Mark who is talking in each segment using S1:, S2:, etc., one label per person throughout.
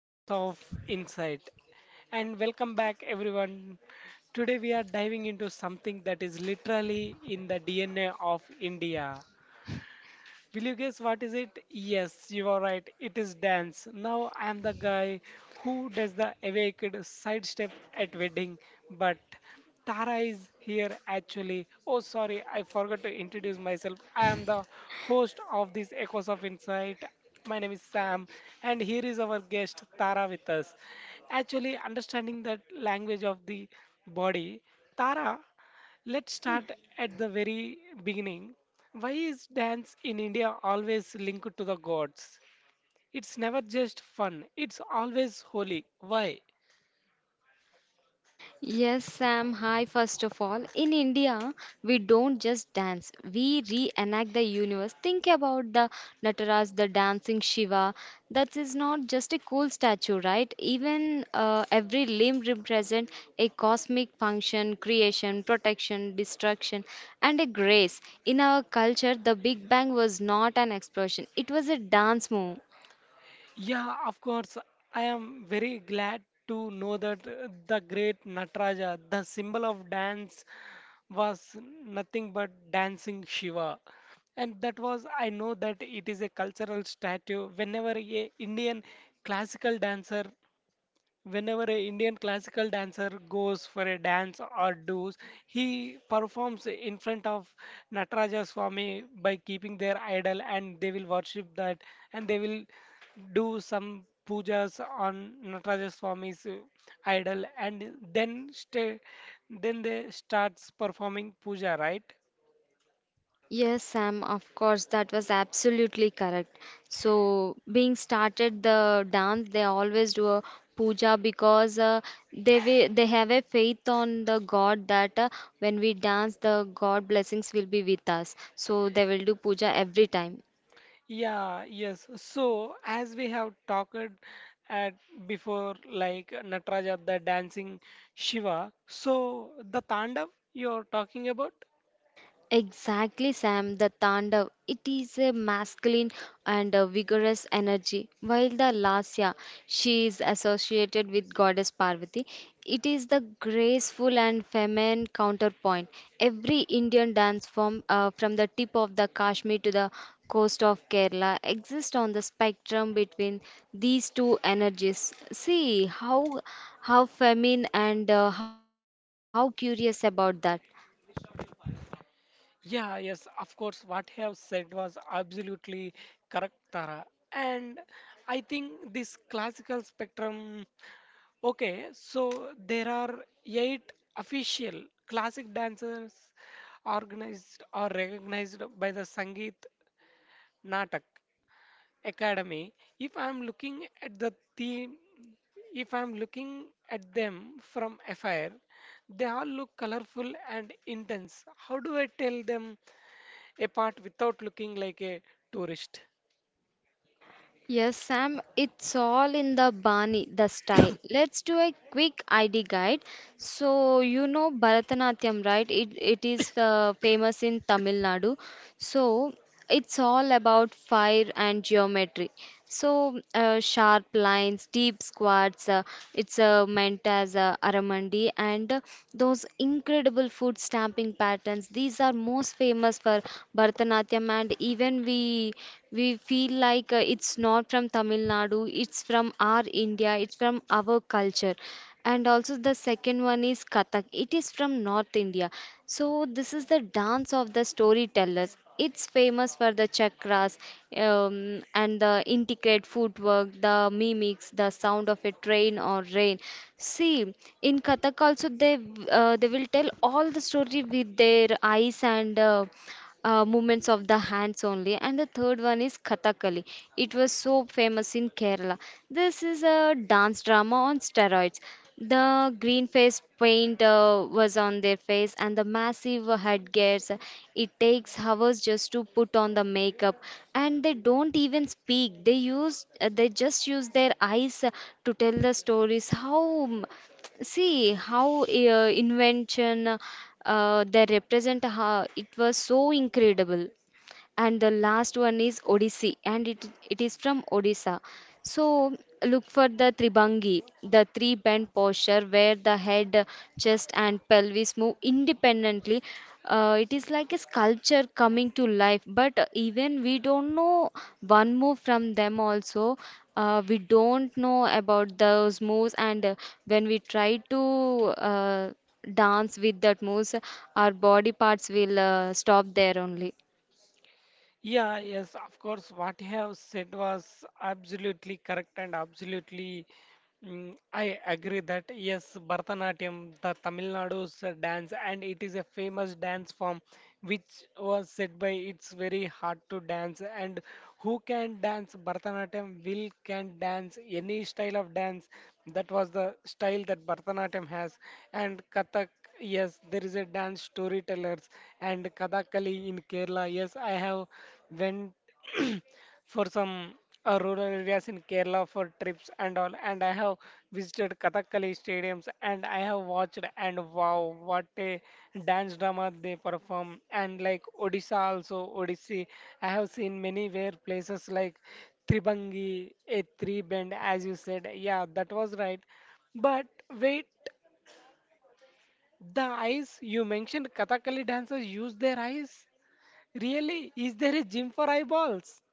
S1: Echoes of Insight and welcome back everyone. Today we are diving into something that is literally in the DNA of India. Will you guess what is it? Yes, you are right. It is dance. Now I am the guy who does the awaked sidestep at wedding, but Tara is here actually. Oh, sorry, I forgot to introduce myself. I am the host of this Echoes of Insight. My name is Sam, and here is our guest Tara with us. Actually, understanding that language of the body, Tara. Let's start at the very beginning. Why is dance in India always linked to the gods? It's never just fun, it's always holy. Why?
S2: Hi, first of all. In India, we don't just dance, we reenact the universe. Think about the Nataraj, the dancing Shiva. That is not just a cool statue, right? Even Every limb represents a cosmic function, creation, protection, destruction, and a grace. In our culture, the Big Bang was not an explosion, it was a dance move.
S1: Yeah, of course, I am very glad to know that the great Nataraja, the symbol of dance, was nothing but dancing Shiva. And that was, I know that it is a cultural statue. Classical dancer Whenever an Indian classical dancer goes for a dance or does, he performs in front of Nataraja Swami by keeping their idol and they will worship that and they will do some pujas on Nataraja Swami's idol and then stay, then they starts performing puja, right?
S2: Yes, Sam, of course, that was absolutely correct. So, being started the dance, they always do a puja because they have a faith on the God that when we dance, the God blessings will be with us. So, they will do puja every time.
S1: Yeah, yes. So, as we have talked at before, like Nataraja, the dancing Shiva, so the Tandav you're talking about?
S2: Exactly, Sam. The Tandav, it is a masculine and a vigorous energy, while the Lasya, she is associated with goddess Parvati. It is the graceful and feminine counterpoint. Every Indian dance form, from the tip of the Kashmir to the coast of Kerala, exists on the spectrum between these two energies. See how feminine and how curious about that.
S1: Yeah, yes, of course, what you have said was absolutely correct, Tara. And I think this classical spectrum, okay, so there are eight official classic dancers organized or recognized by the Sangeet Natak academy. If I'm looking at the theme, if I'm looking at them from afar, they all look colorful and intense. How do I tell them apart without looking like a tourist?
S2: Yes, Sam, it's all in the Bani, the style. Let's do a quick ID guide. So, you know Bharatanatyam, right? It is famous in Tamil Nadu. So, it's all about fire and geometry. Sharp lines, deep squats, it's meant as aramandi, and those incredible foot stamping patterns. These are most famous for Bharatanatyam, and even we feel like it's not from Tamil Nadu. It's from our India. It's from our culture, and also the second one is Kathak. It is from North India. So this is the dance of the storytellers. It's famous for the chakras and the intricate footwork, the mimics, the sound of a train or rain. See, in Kathak also they they will tell all the story with their eyes and movements of the hands only. And the third one is Kathakali. It was so famous in Kerala. This is a dance drama on steroids. The green face paint was on their face, and the massive headgears. It takes hours just to put on the makeup, and they don't even speak. They just use their eyes to tell the stories. How See how invention they represent how it was so incredible. And the last one is Odissi, and it is from Odisha. So look for the Tribangi, the three bend posture where the head, chest, and pelvis move independently. It is like a sculpture coming to life, but even we don't know one move from them also. We don't know about those moves, and when we try to uh, dance with that moves, our body parts will stop there only.
S1: Yeah, yes, of course. What you have said was absolutely correct and absolutely, I agree that yes, Bharatanatyam, the Tamil Nadu's dance, and it is a famous dance form which was said by it's very hard to dance. And who can dance Bharatanatyam will can dance any style of dance. That was the style that Bharatanatyam has, and Kathak. Yes, there is a dance storytellers and Kathakali in Kerala. Yes, I have went for some rural areas in Kerala for trips and all, and I have visited Kathakali stadiums and I have watched and wow, what a dance drama they perform. And like Odisha also, Odissi, I have seen many where places like Tribangi, a three bend, as you said. Yeah, that was right. But wait. The eyes you mentioned, Kathakali dancers use their eyes. Really, is there a gym for eyeballs?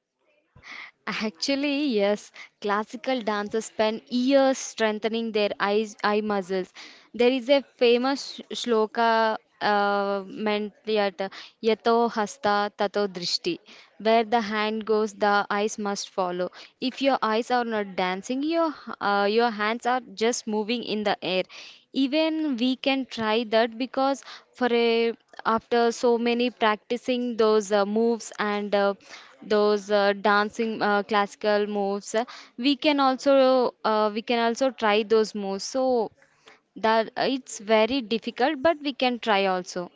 S2: Actually, yes, classical dancers spend years strengthening their eyes, eye muscles. There is a famous shloka meant that yato hasta tato drishti, where the hand goes, the eyes must follow. If your eyes are not dancing, your hands are just moving in the air. Even we can try that because for a after so many practicing those moves and those dancing classical moves, we can also try those moves, so that it's very difficult, but we can try also.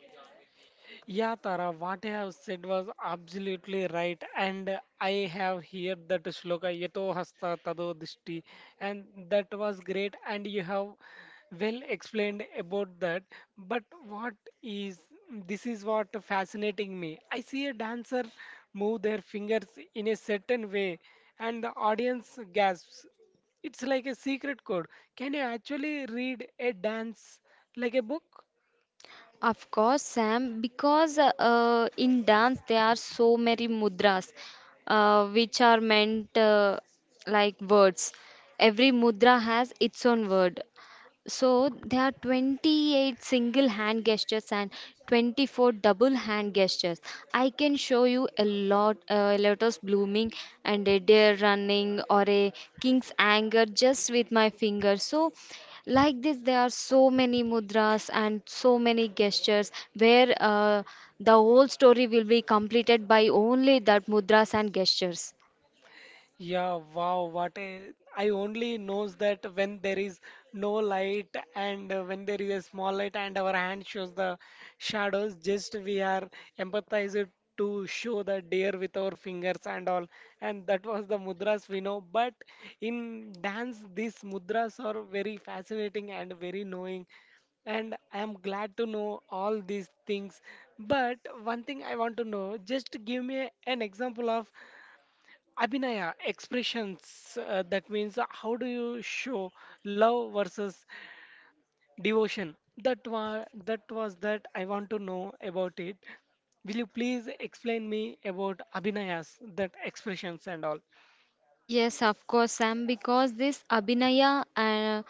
S1: Yeah, Tara, what you have said was absolutely right. And I have heard that shloka Yato Hasta Tado Dishti, and that was great. And you have well explained about that. But what is, this is what fascinating me. I see a dancer move their fingers in a certain way, and the audience gasps. It's like a secret code. Can you actually read a dance like a book?
S2: Of course, Sam, because in dance there are so many mudras which are meant like words. Every mudra has its own word. So there are 28 single hand gestures and 24 double hand gestures. I can show you a lot, a lotus blooming and a deer running or a king's anger just with my finger. So like this, there are so many mudras and so many gestures where the whole story will be completed by only that mudras and gestures.
S1: Yeah, wow, what a, I only knows that when there is no light and when there is a small light and our hand shows the shadows, just we are empathized to show the deer with our fingers and all. And that was the mudras we know. But in dance, these mudras are very fascinating and very knowing and I am glad to know all these things. But one thing I want to know, just give me an example of Abhinaya, expressions, that means how do you show love versus devotion? That I want to know about it. Will you please explain me about Abhinayas, that expressions and all?
S2: Yes, of course, Sam, because this abhinaya,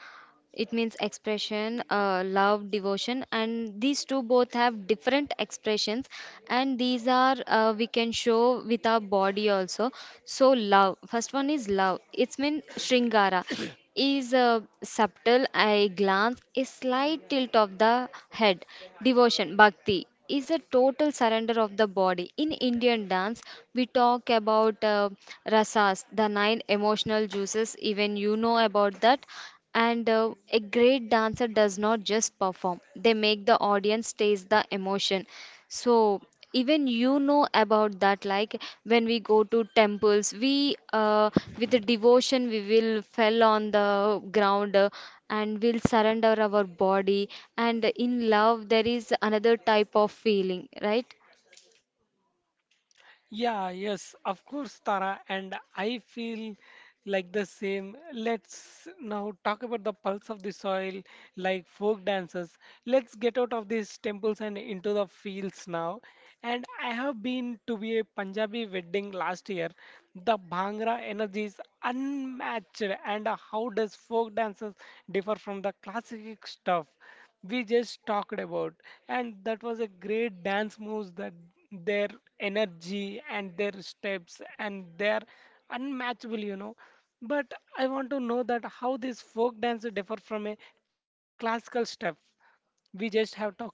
S2: it means expression, love, devotion, and these two both have different expressions, and these are we can show with our body also. So love, first one is love. It's mean shringara is subtle. I glance, a slight tilt of the head. Devotion, bhakti, is a total surrender of the body. In Indian dance, we talk about rasas, the nine emotional juices. Even you know about that. And a great dancer does not just perform, they make the audience taste the emotion. So, even you know about that, like when we go to temples we, with the devotion, we will fell on the ground and we'll surrender our body, and in love there is another type of feeling, right?
S1: Yeah, yes, of course, Tara, and I feel like the same. Let's now talk about the pulse of the soil, like folk dances. Let's get out of these temples and into the fields now. And I have been to be a Punjabi wedding last year. The Bhangra energy is unmatched, and how does folk dances differ from the classic stuff we just talked about? And that was a great dance moves that their energy and their steps and their unmatchable, you know. But I want to know that how this folk dance differ from a classical stuff we just have talked about.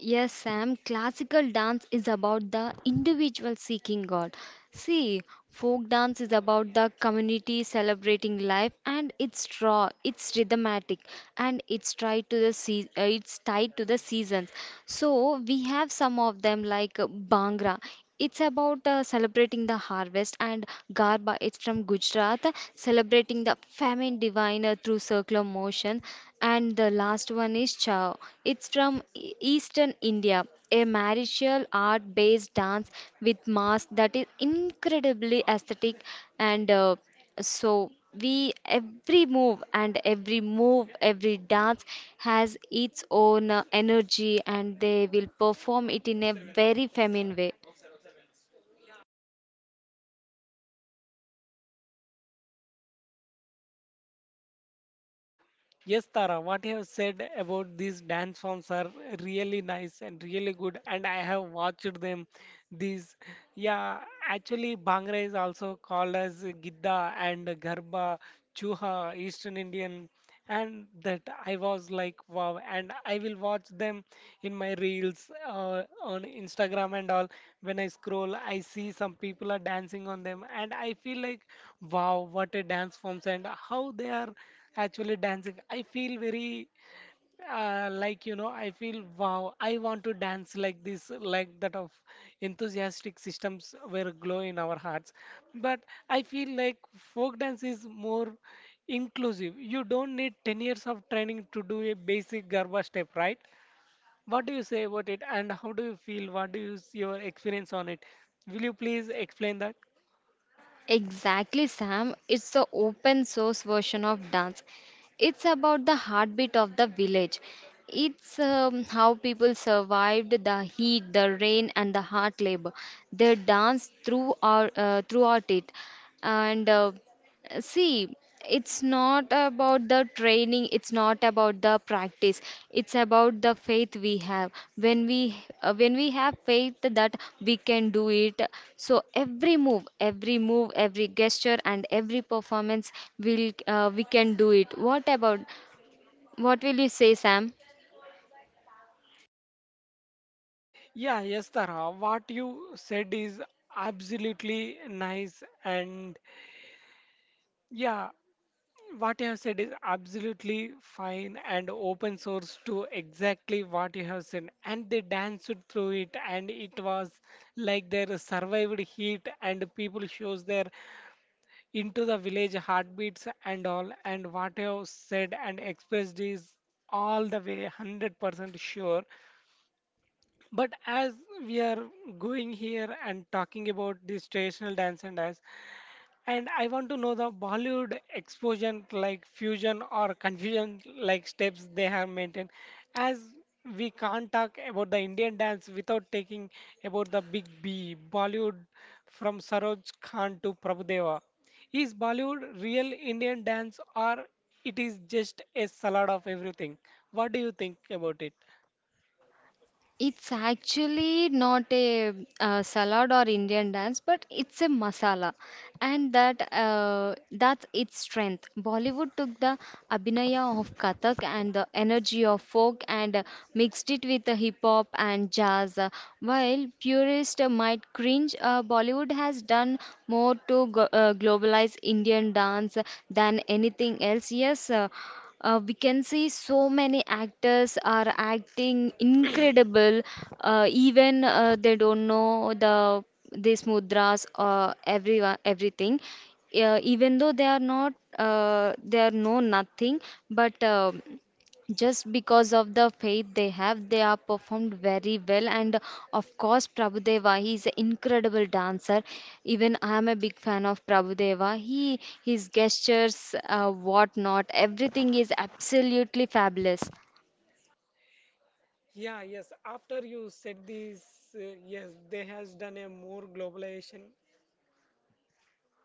S2: Yes, Sam, classical dance is about the individual seeking God. See, folk dance is about the community celebrating life, and it's raw, it's rhythmatic, and it's tied to the seasons. So, we have some of them like Bhangra. It's about celebrating the harvest, and Garba. It's from Gujarat, celebrating the famine divine through circular motion. And the last one is Chao. It's from Eastern India, a martial art based dance with mask that is incredibly aesthetic and so we every move, and every move every dance has its own energy, and they will perform it in a very feminine way.
S1: Yes, Tara, what you have said about these dance forms are really nice and really good, and I have watched them. These, yeah, actually, Bhangra is also called as Gidda and Garba, Chuha, Eastern Indian, and that I was like, wow, and I will watch them in my reels on Instagram and all. When I scroll, I see some people are dancing on them, and I feel like, wow, what a dance forms, and how they are actually dancing. I feel very like you know, I feel wow, I want to dance like this, like that of enthusiastic systems were glow in our hearts. But I feel like folk dance is more inclusive. You don't need 10 years of training to do a basic Garba step, right? What do you say about it and how do you feel? What do you your experience on it? Will you please explain that?
S2: Exactly, Sam. It's the open source version of dance. It's about the heartbeat of the village. It's how people survived the heat, the rain, and the hard labor. They dance throughout it, and See, it's not about the training, it's not about the practice. It's about the faith we have. When we have faith that we can do it, so every move, every move, every gesture and every performance will we can do it. What about what will you say, Sam?
S1: Yeah, yes, Tara. What you said is absolutely nice and yeah, what you have said is absolutely fine and open source to exactly what you have said. And they danced through it, and it was like they survived heat, and people shows their into the village heartbeats and all. And what you have said and expressed is all the way 100% sure. But as we are going here and talking about this traditional dance and dance, and I want to know the Bollywood explosion, like fusion or confusion, like steps they have maintained. As we can't talk about the Indian dance without taking about the big B, Bollywood, from Saroj Khan to Prabhudeva. Is Bollywood real Indian dance or it is just a salad of everything? What do you think about it?
S2: It's actually not a, salad or Indian dance, but it's a masala, and that's its strength. Bollywood took the abhinaya of Kathak and the energy of folk and mixed it with the hip hop and jazz. While purists might cringe, Bollywood has done more to globalize Indian dance than anything else. Yes, we can see so many actors are acting incredible, even they don't know these mudras or everyone everything, even though they are not, they are know nothing, but just because of the faith they have, they are performed very well. And of course, Prabhudeva, he is an incredible dancer. Even I am a big fan of Prabhudeva. He his gestures, what not, everything is absolutely fabulous.
S1: Yeah, yes. After you said this, uh, yes, they has done a more globalization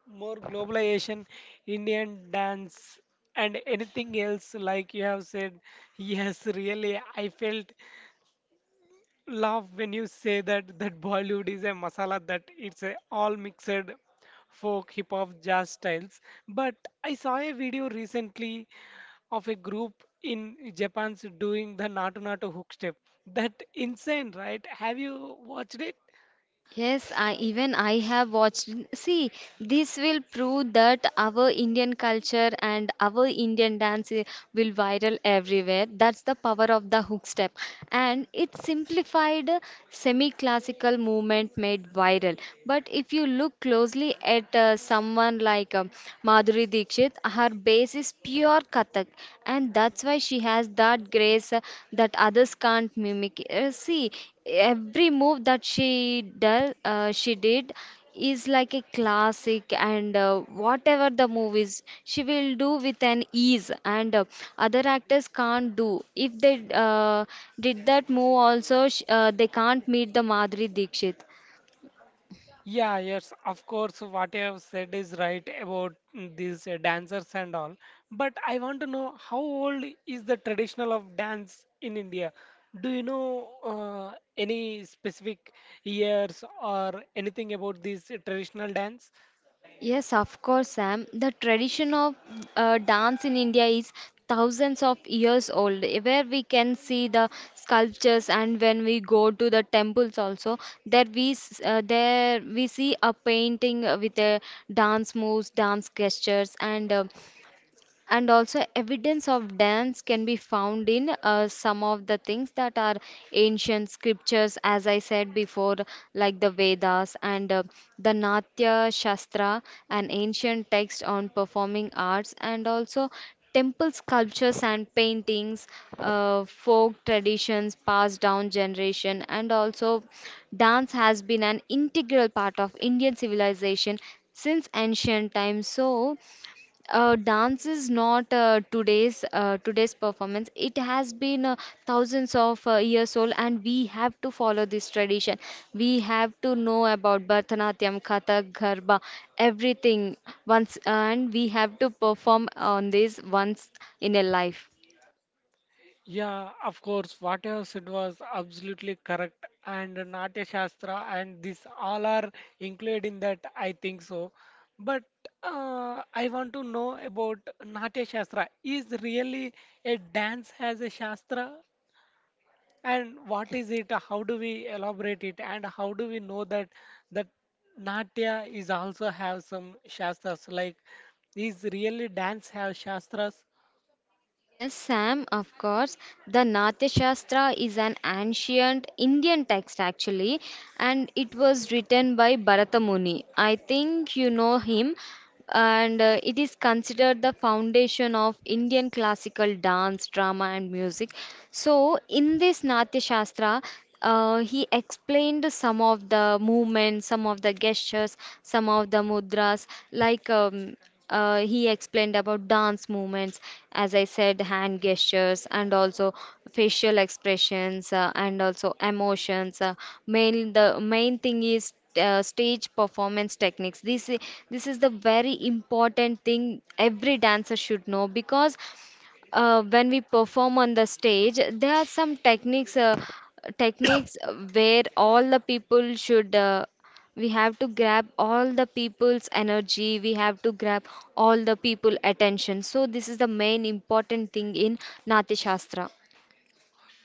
S1: more globalization, Indian dance, and anything else, like you have said. Yes, really, I felt love when you say that that Bollywood is a masala that it's a all mixed folk, hip hop, jazz styles. But I saw a video recently of a group in Japan's doing the Natu Natu hook step. That insane, right? Have you watched it?
S2: Yes, I have watched. See, this will prove that our Indian culture and our Indian dance will viral everywhere. That's the power of the hook step, and it's simplified semi-classical movement made viral. But if you look closely at someone like Madhuri Dixit, her base is pure Kathak, and that's why she has that grace that others can't mimic. See, every move that she did is like a classic, and whatever the movies she will do with an ease, and other actors can't do. If they did that move also, they can't meet the Madhuri Dikshit.
S1: Yeah, yes, of course, what you have said is right about these dancers and all. But I want to know how old is the traditional of dance in India? Do you know any specific years or anything about this traditional dance?
S2: Yes, of course, Sam. The tradition of dance in India is thousands of years old, where we can see the sculptures, and when we go to the temples also, there we there we see a painting with a dance moves, dance gestures, and also evidence of dance can be found in some of the things that are ancient scriptures, as I said before, like the Vedas, and the Natya Shastra, an ancient text on performing arts, and also temple sculptures and paintings, folk traditions passed down generation, and also dance has been an integral part of Indian civilization since ancient times. So, dance is not today's performance. It has been thousands of years old, and we have to follow this tradition. We have to know about Bharatanatyam, Kathak, Garba, everything once, and we have to perform on this once in a life.
S1: Yeah, of course, what you have said was absolutely correct. And Natya Shastra and this all are included in that, I think so. But I want to know about Natya Shastra. Is really a dance as a Shastra? And what is it? How do we elaborate it? And how do we know that that Natya is also have some Shastras? Like, is really dance have Shastras?
S2: Yes, Sam, of course. The Natyashastra is an ancient Indian text actually, and it was written by Bharata Muni. I think you know him, and it is considered the foundation of Indian classical dance, drama, and music. So, in this Natyashastra, he explained some of the movements, some of the gestures, some of the mudras, like he explained about dance movements, as I said, hand gestures, and also facial expressions, and also emotions. Main the main thing is stage performance techniques. This is the very important thing every dancer should know, because when we perform on the stage, there are some techniques, techniques where all the people should. We have to grab all the people's energy. We have to grab all the people attention. So this is the main important thing in Natya Shastra.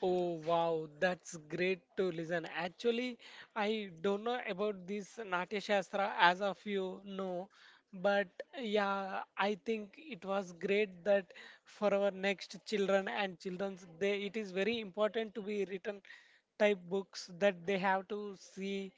S1: Oh wow, that's great to listen. Actually, I don't know about this Natya Shastra as of you know, but yeah, I think it was great that for our next children and children's they it is very important to be written type books that they have to see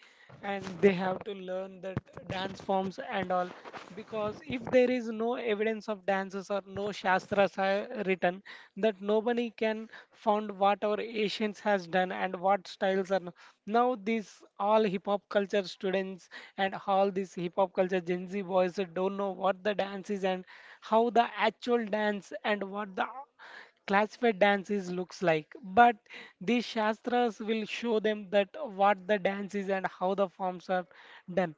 S1: and they have to learn that dance forms and all because if there is no evidence of dances or no shastras are written that nobody can found what our ancients has done and what styles are now. These all hip hop culture students and all these hip hop culture Gen Z boys don't know what the dance is and how the actual dance and what the classified dance is looks like, but these shastras will show them that what the dance is and how the forms are done.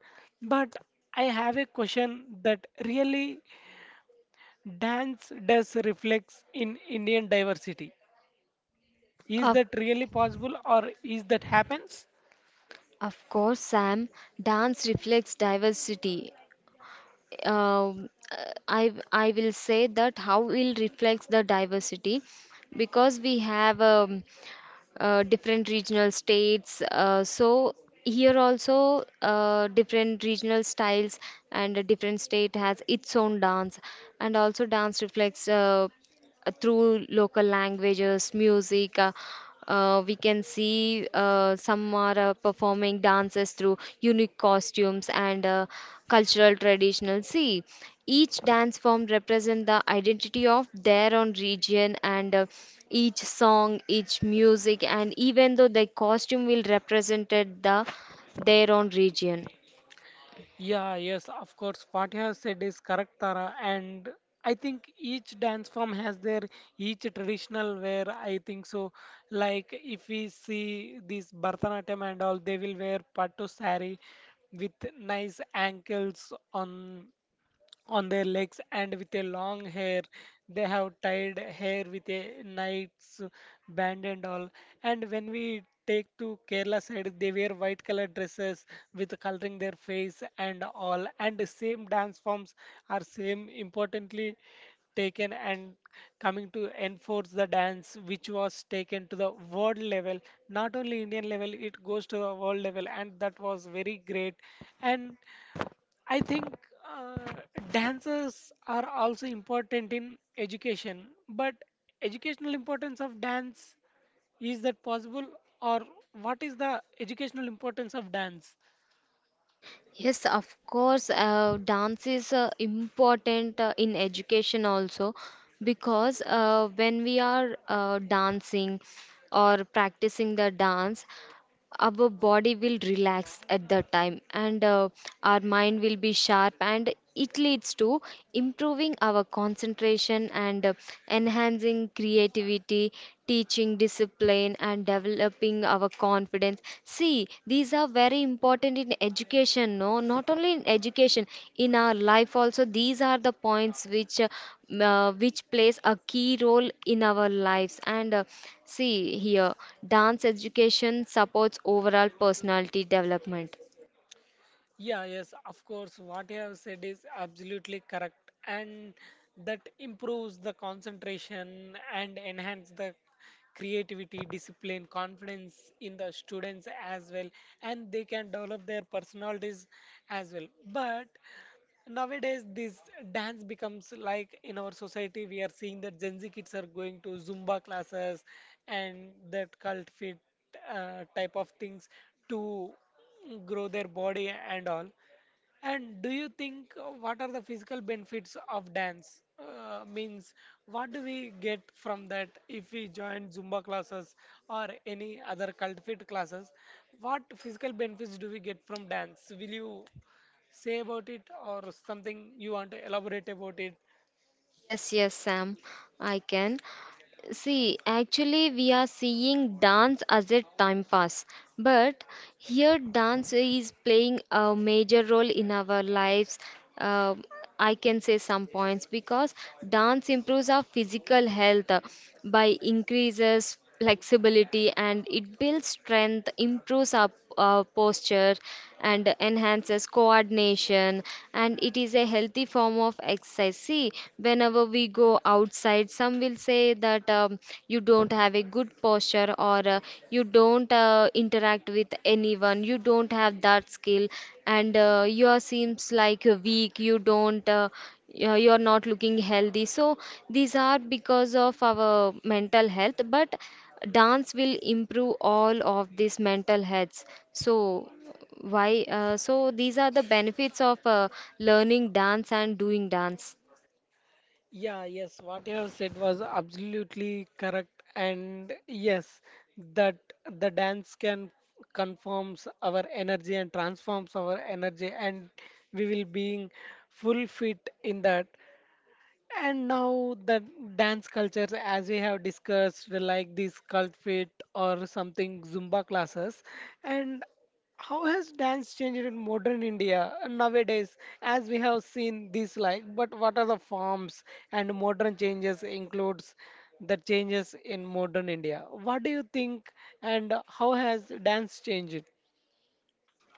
S1: But I have a question that really dance does reflects in Indian diversity, is
S2: Of,
S1: that really possible or is that happens?
S2: of course, Sam, dance reflects diversity. Um, uh, I will say that how it reflects the diversity because we have different regional states. So here also different regional styles, and a different state has its own dance, and also dance reflects through local languages, music. We can see some are performing dances through unique costumes and cultural traditional. See, each dance form represent the identity of their own region, and each song, each music, and even though the costume will represented the their own region.
S1: Yeah, yes, of course. What you have said is correct, Tara. And I think each dance form has their each traditional wear. I think so. Like if we see this Bharatanatyam and all, they will wear pattu saree with nice ankles on their legs and with a long hair. They have tied hair with a knight's band and all. And when we take to Kerala side, they wear white color dresses with coloring their face and all. And the same dance forms are same importantly taken and coming to enforce the dance which was taken to the world level, not only Indian level, it goes to the world level and that was very great. And I think uh, dances are also important in education, but educational importance of dance, is that possible, or what is the educational importance of dance?
S2: Yes, of course, dance is important in education also because when we are dancing or practicing the dance, our body will relax at that time, and our mind will be sharp, and it leads to improving our concentration and enhancing creativity, teaching discipline, and developing our confidence. See, these are very important in education. No, not only in education, in our life also these are the points which which plays a key role in our lives and see, here dance education supports overall personality development.
S1: Yeah, yes, of course, what you have said is absolutely correct, and that improves the concentration and enhance the creativity, discipline, confidence in the students as well, and they can develop their personalities as well. But nowadays, this dance becomes like in our society, we are seeing that Gen Z kids are going to Zumba classes and that cult fit type of things to grow their body and all. And do you think what are the physical benefits of dance? Means what do we get from that if we join Zumba classes or any other cult fit classes? What physical benefits do we get from dance? Will you say about it or something you want to elaborate about it?
S2: Yes, yes, Sam, I can. See, actually, we are seeing dance as a time pass, but here dance is playing a major role in our lives. Um I can say some points because dance improves our physical health by increases flexibility, and it builds strength, improves our posture, and enhances coordination. And it is a healthy form of exercise. See, whenever we go outside, some will say that you don't have a good posture, or you don't interact with anyone, you don't have that skill, and you seems like weak, you don't you're not looking healthy. So these are because of our mental health, but dance will improve all of these mental healths. So why so these are the benefits of learning dance and doing dance.
S1: Yeah, yes, what you have said was absolutely correct, and yes, that the dance can confirms our energy and transforms our energy, and we will being full fit in that. And now the dance culture, as we have discussed, like these cult fit or something Zumba classes, and how has dance changed in modern India nowadays, as we have seen this like, but what are the forms and modern changes includes the changes in modern India? What do you think, and how has dance changed?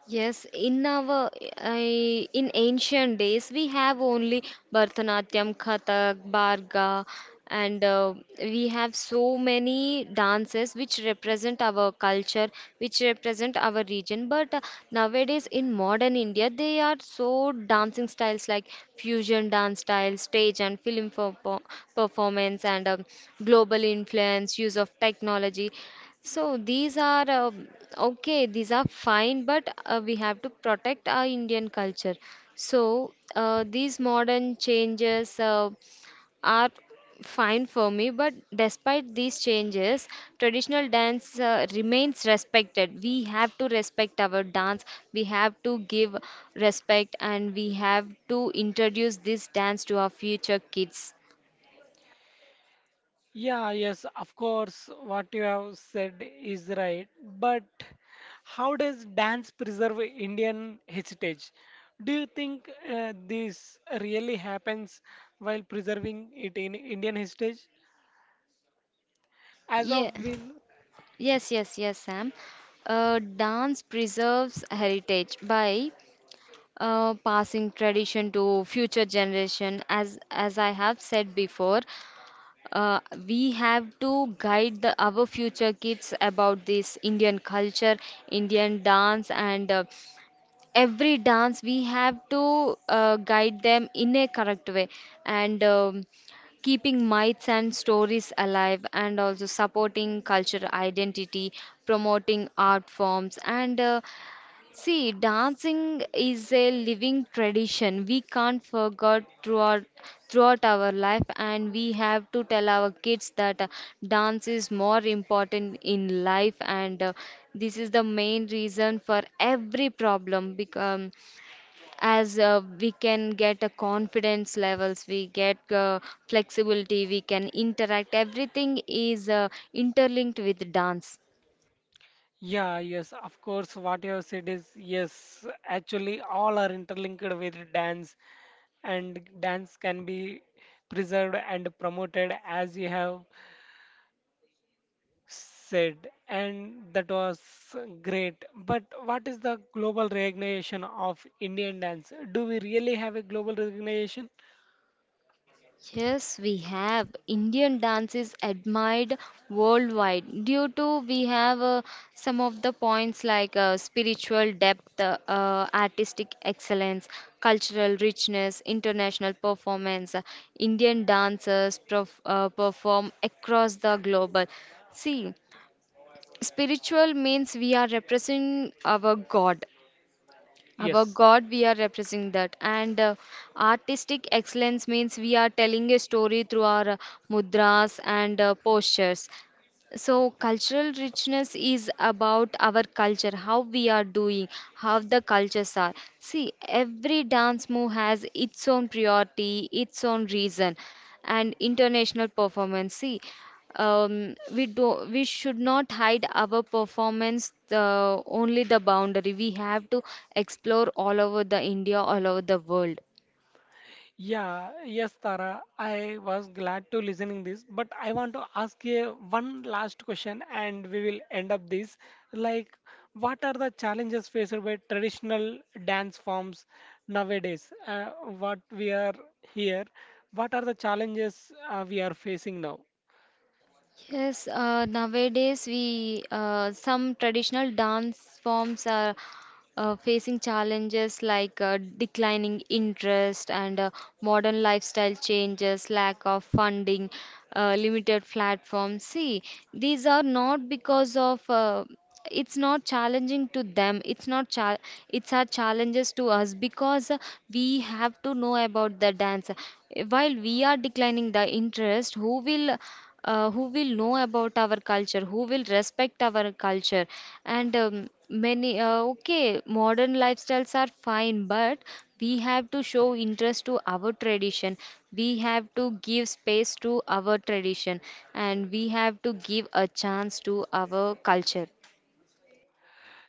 S2: Yes, in our I in ancient days we have only Bharatanatyam, Kathak, Bharga, and we have so many dances which represent our culture, which represent our region. But nowadays in modern India, they are so dancing styles like fusion dance style, stage and film perpo- performance, and global influence, use of technology. So these are okay, these are fine, but we have to protect our Indian culture. So these modern changes are fine for me, but despite these changes, traditional dance remains respected. We have to respect our dance, we have to give respect, and we have to introduce this dance to our future kids.
S1: Yeah, yes, of course, what you have said is right. But how does dance preserve Indian heritage? Do you think this really happens while preserving it in Indian heritage? As
S2: Yeah.
S1: of when?
S2: Yes, yes, yes, Sam. Dance preserves heritage by passing tradition to future generation. As I have said before, uh, we have to guide the, our future kids about this Indian culture, Indian dance, and every dance we have to guide them in a correct way, and keeping myths and stories alive, and also supporting cultural identity, promoting art forms, and see, dancing is a living tradition. We can't forget throughout our life, and we have to tell our kids that dance is more important in life, and this is the main reason for every problem. Become as we can get a confidence levels, we get flexibility, we can interact. Everything is interlinked with dance.
S1: Yeah, yes, of course, what you have said is yes, actually, all are interlinked with dance, and dance can be preserved and promoted as you have said, and that was great. But what is the global recognition of Indian dance? Do we really have a global recognition?
S2: Yes, we have. Indian dance is admired worldwide due to we have some of the points like spiritual depth, artistic excellence, cultural richness, international performance. Perform across the global. See, spiritual means we are representing our God. Our
S1: Yes.
S2: God, we are representing that. And artistic excellence means we are telling a story through our mudras and postures. So, cultural richness is about our culture, how we are doing, how the cultures are. See, every dance move has its own priority, its own reason, and international performance. See, we should not hide our performance only the boundary. We have to explore all over the india, all over the world.
S1: Yeah, yes, Tara. I was glad to listening this, but I want to ask you one last question, and we will end up this. Like, what are the challenges faced by traditional dance forms nowadays? What we are here, what are the challenges we are facing now?
S2: Yes, nowadays we some traditional dance forms are facing challenges like declining interest and modern lifestyle changes, lack of funding, limited platforms. See, these are not because of it's not challenging to them, it's not cha- it's our challenges to us because we have to know about the dance. While we are declining the interest, who will know about our culture, who will respect our culture. And many, okay, modern lifestyles are fine, but we have to show interest to our tradition. We have to give space to our tradition, and we have to give a chance to our culture.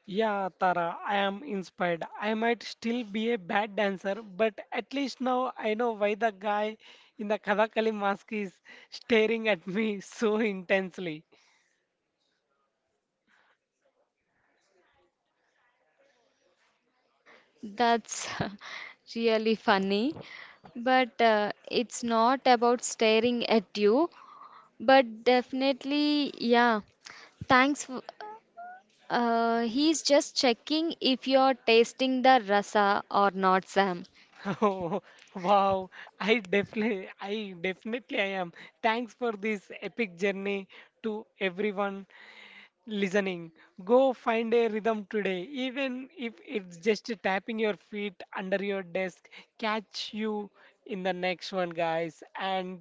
S1: Yeah, Tara, I am inspired. I might still be a bad dancer, but at least now I know why the guy in the Kathakali mask is staring at me so intensely.
S2: That's really funny, but it's not about staring at you, but definitely, yeah. Thanks, f- he's just checking if you're tasting the rasa or not, Sam.
S1: Oh, wow. I definitely, I definitely I am. Thanks for this epic journey to everyone listening. Go find a rhythm today, even if it's just tapping your feet under your desk. Catch you in the next one, guys, and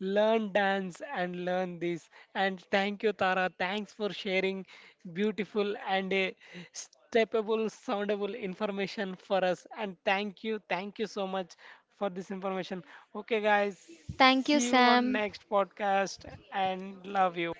S1: learn dance and learn this. And thank you, Tara. Thanks for sharing beautiful and a steppable, soundable information for us. And thank you so much for this information. Okay, guys,
S2: Thank you,
S1: see you on
S2: Sam.
S1: next podcast and love you.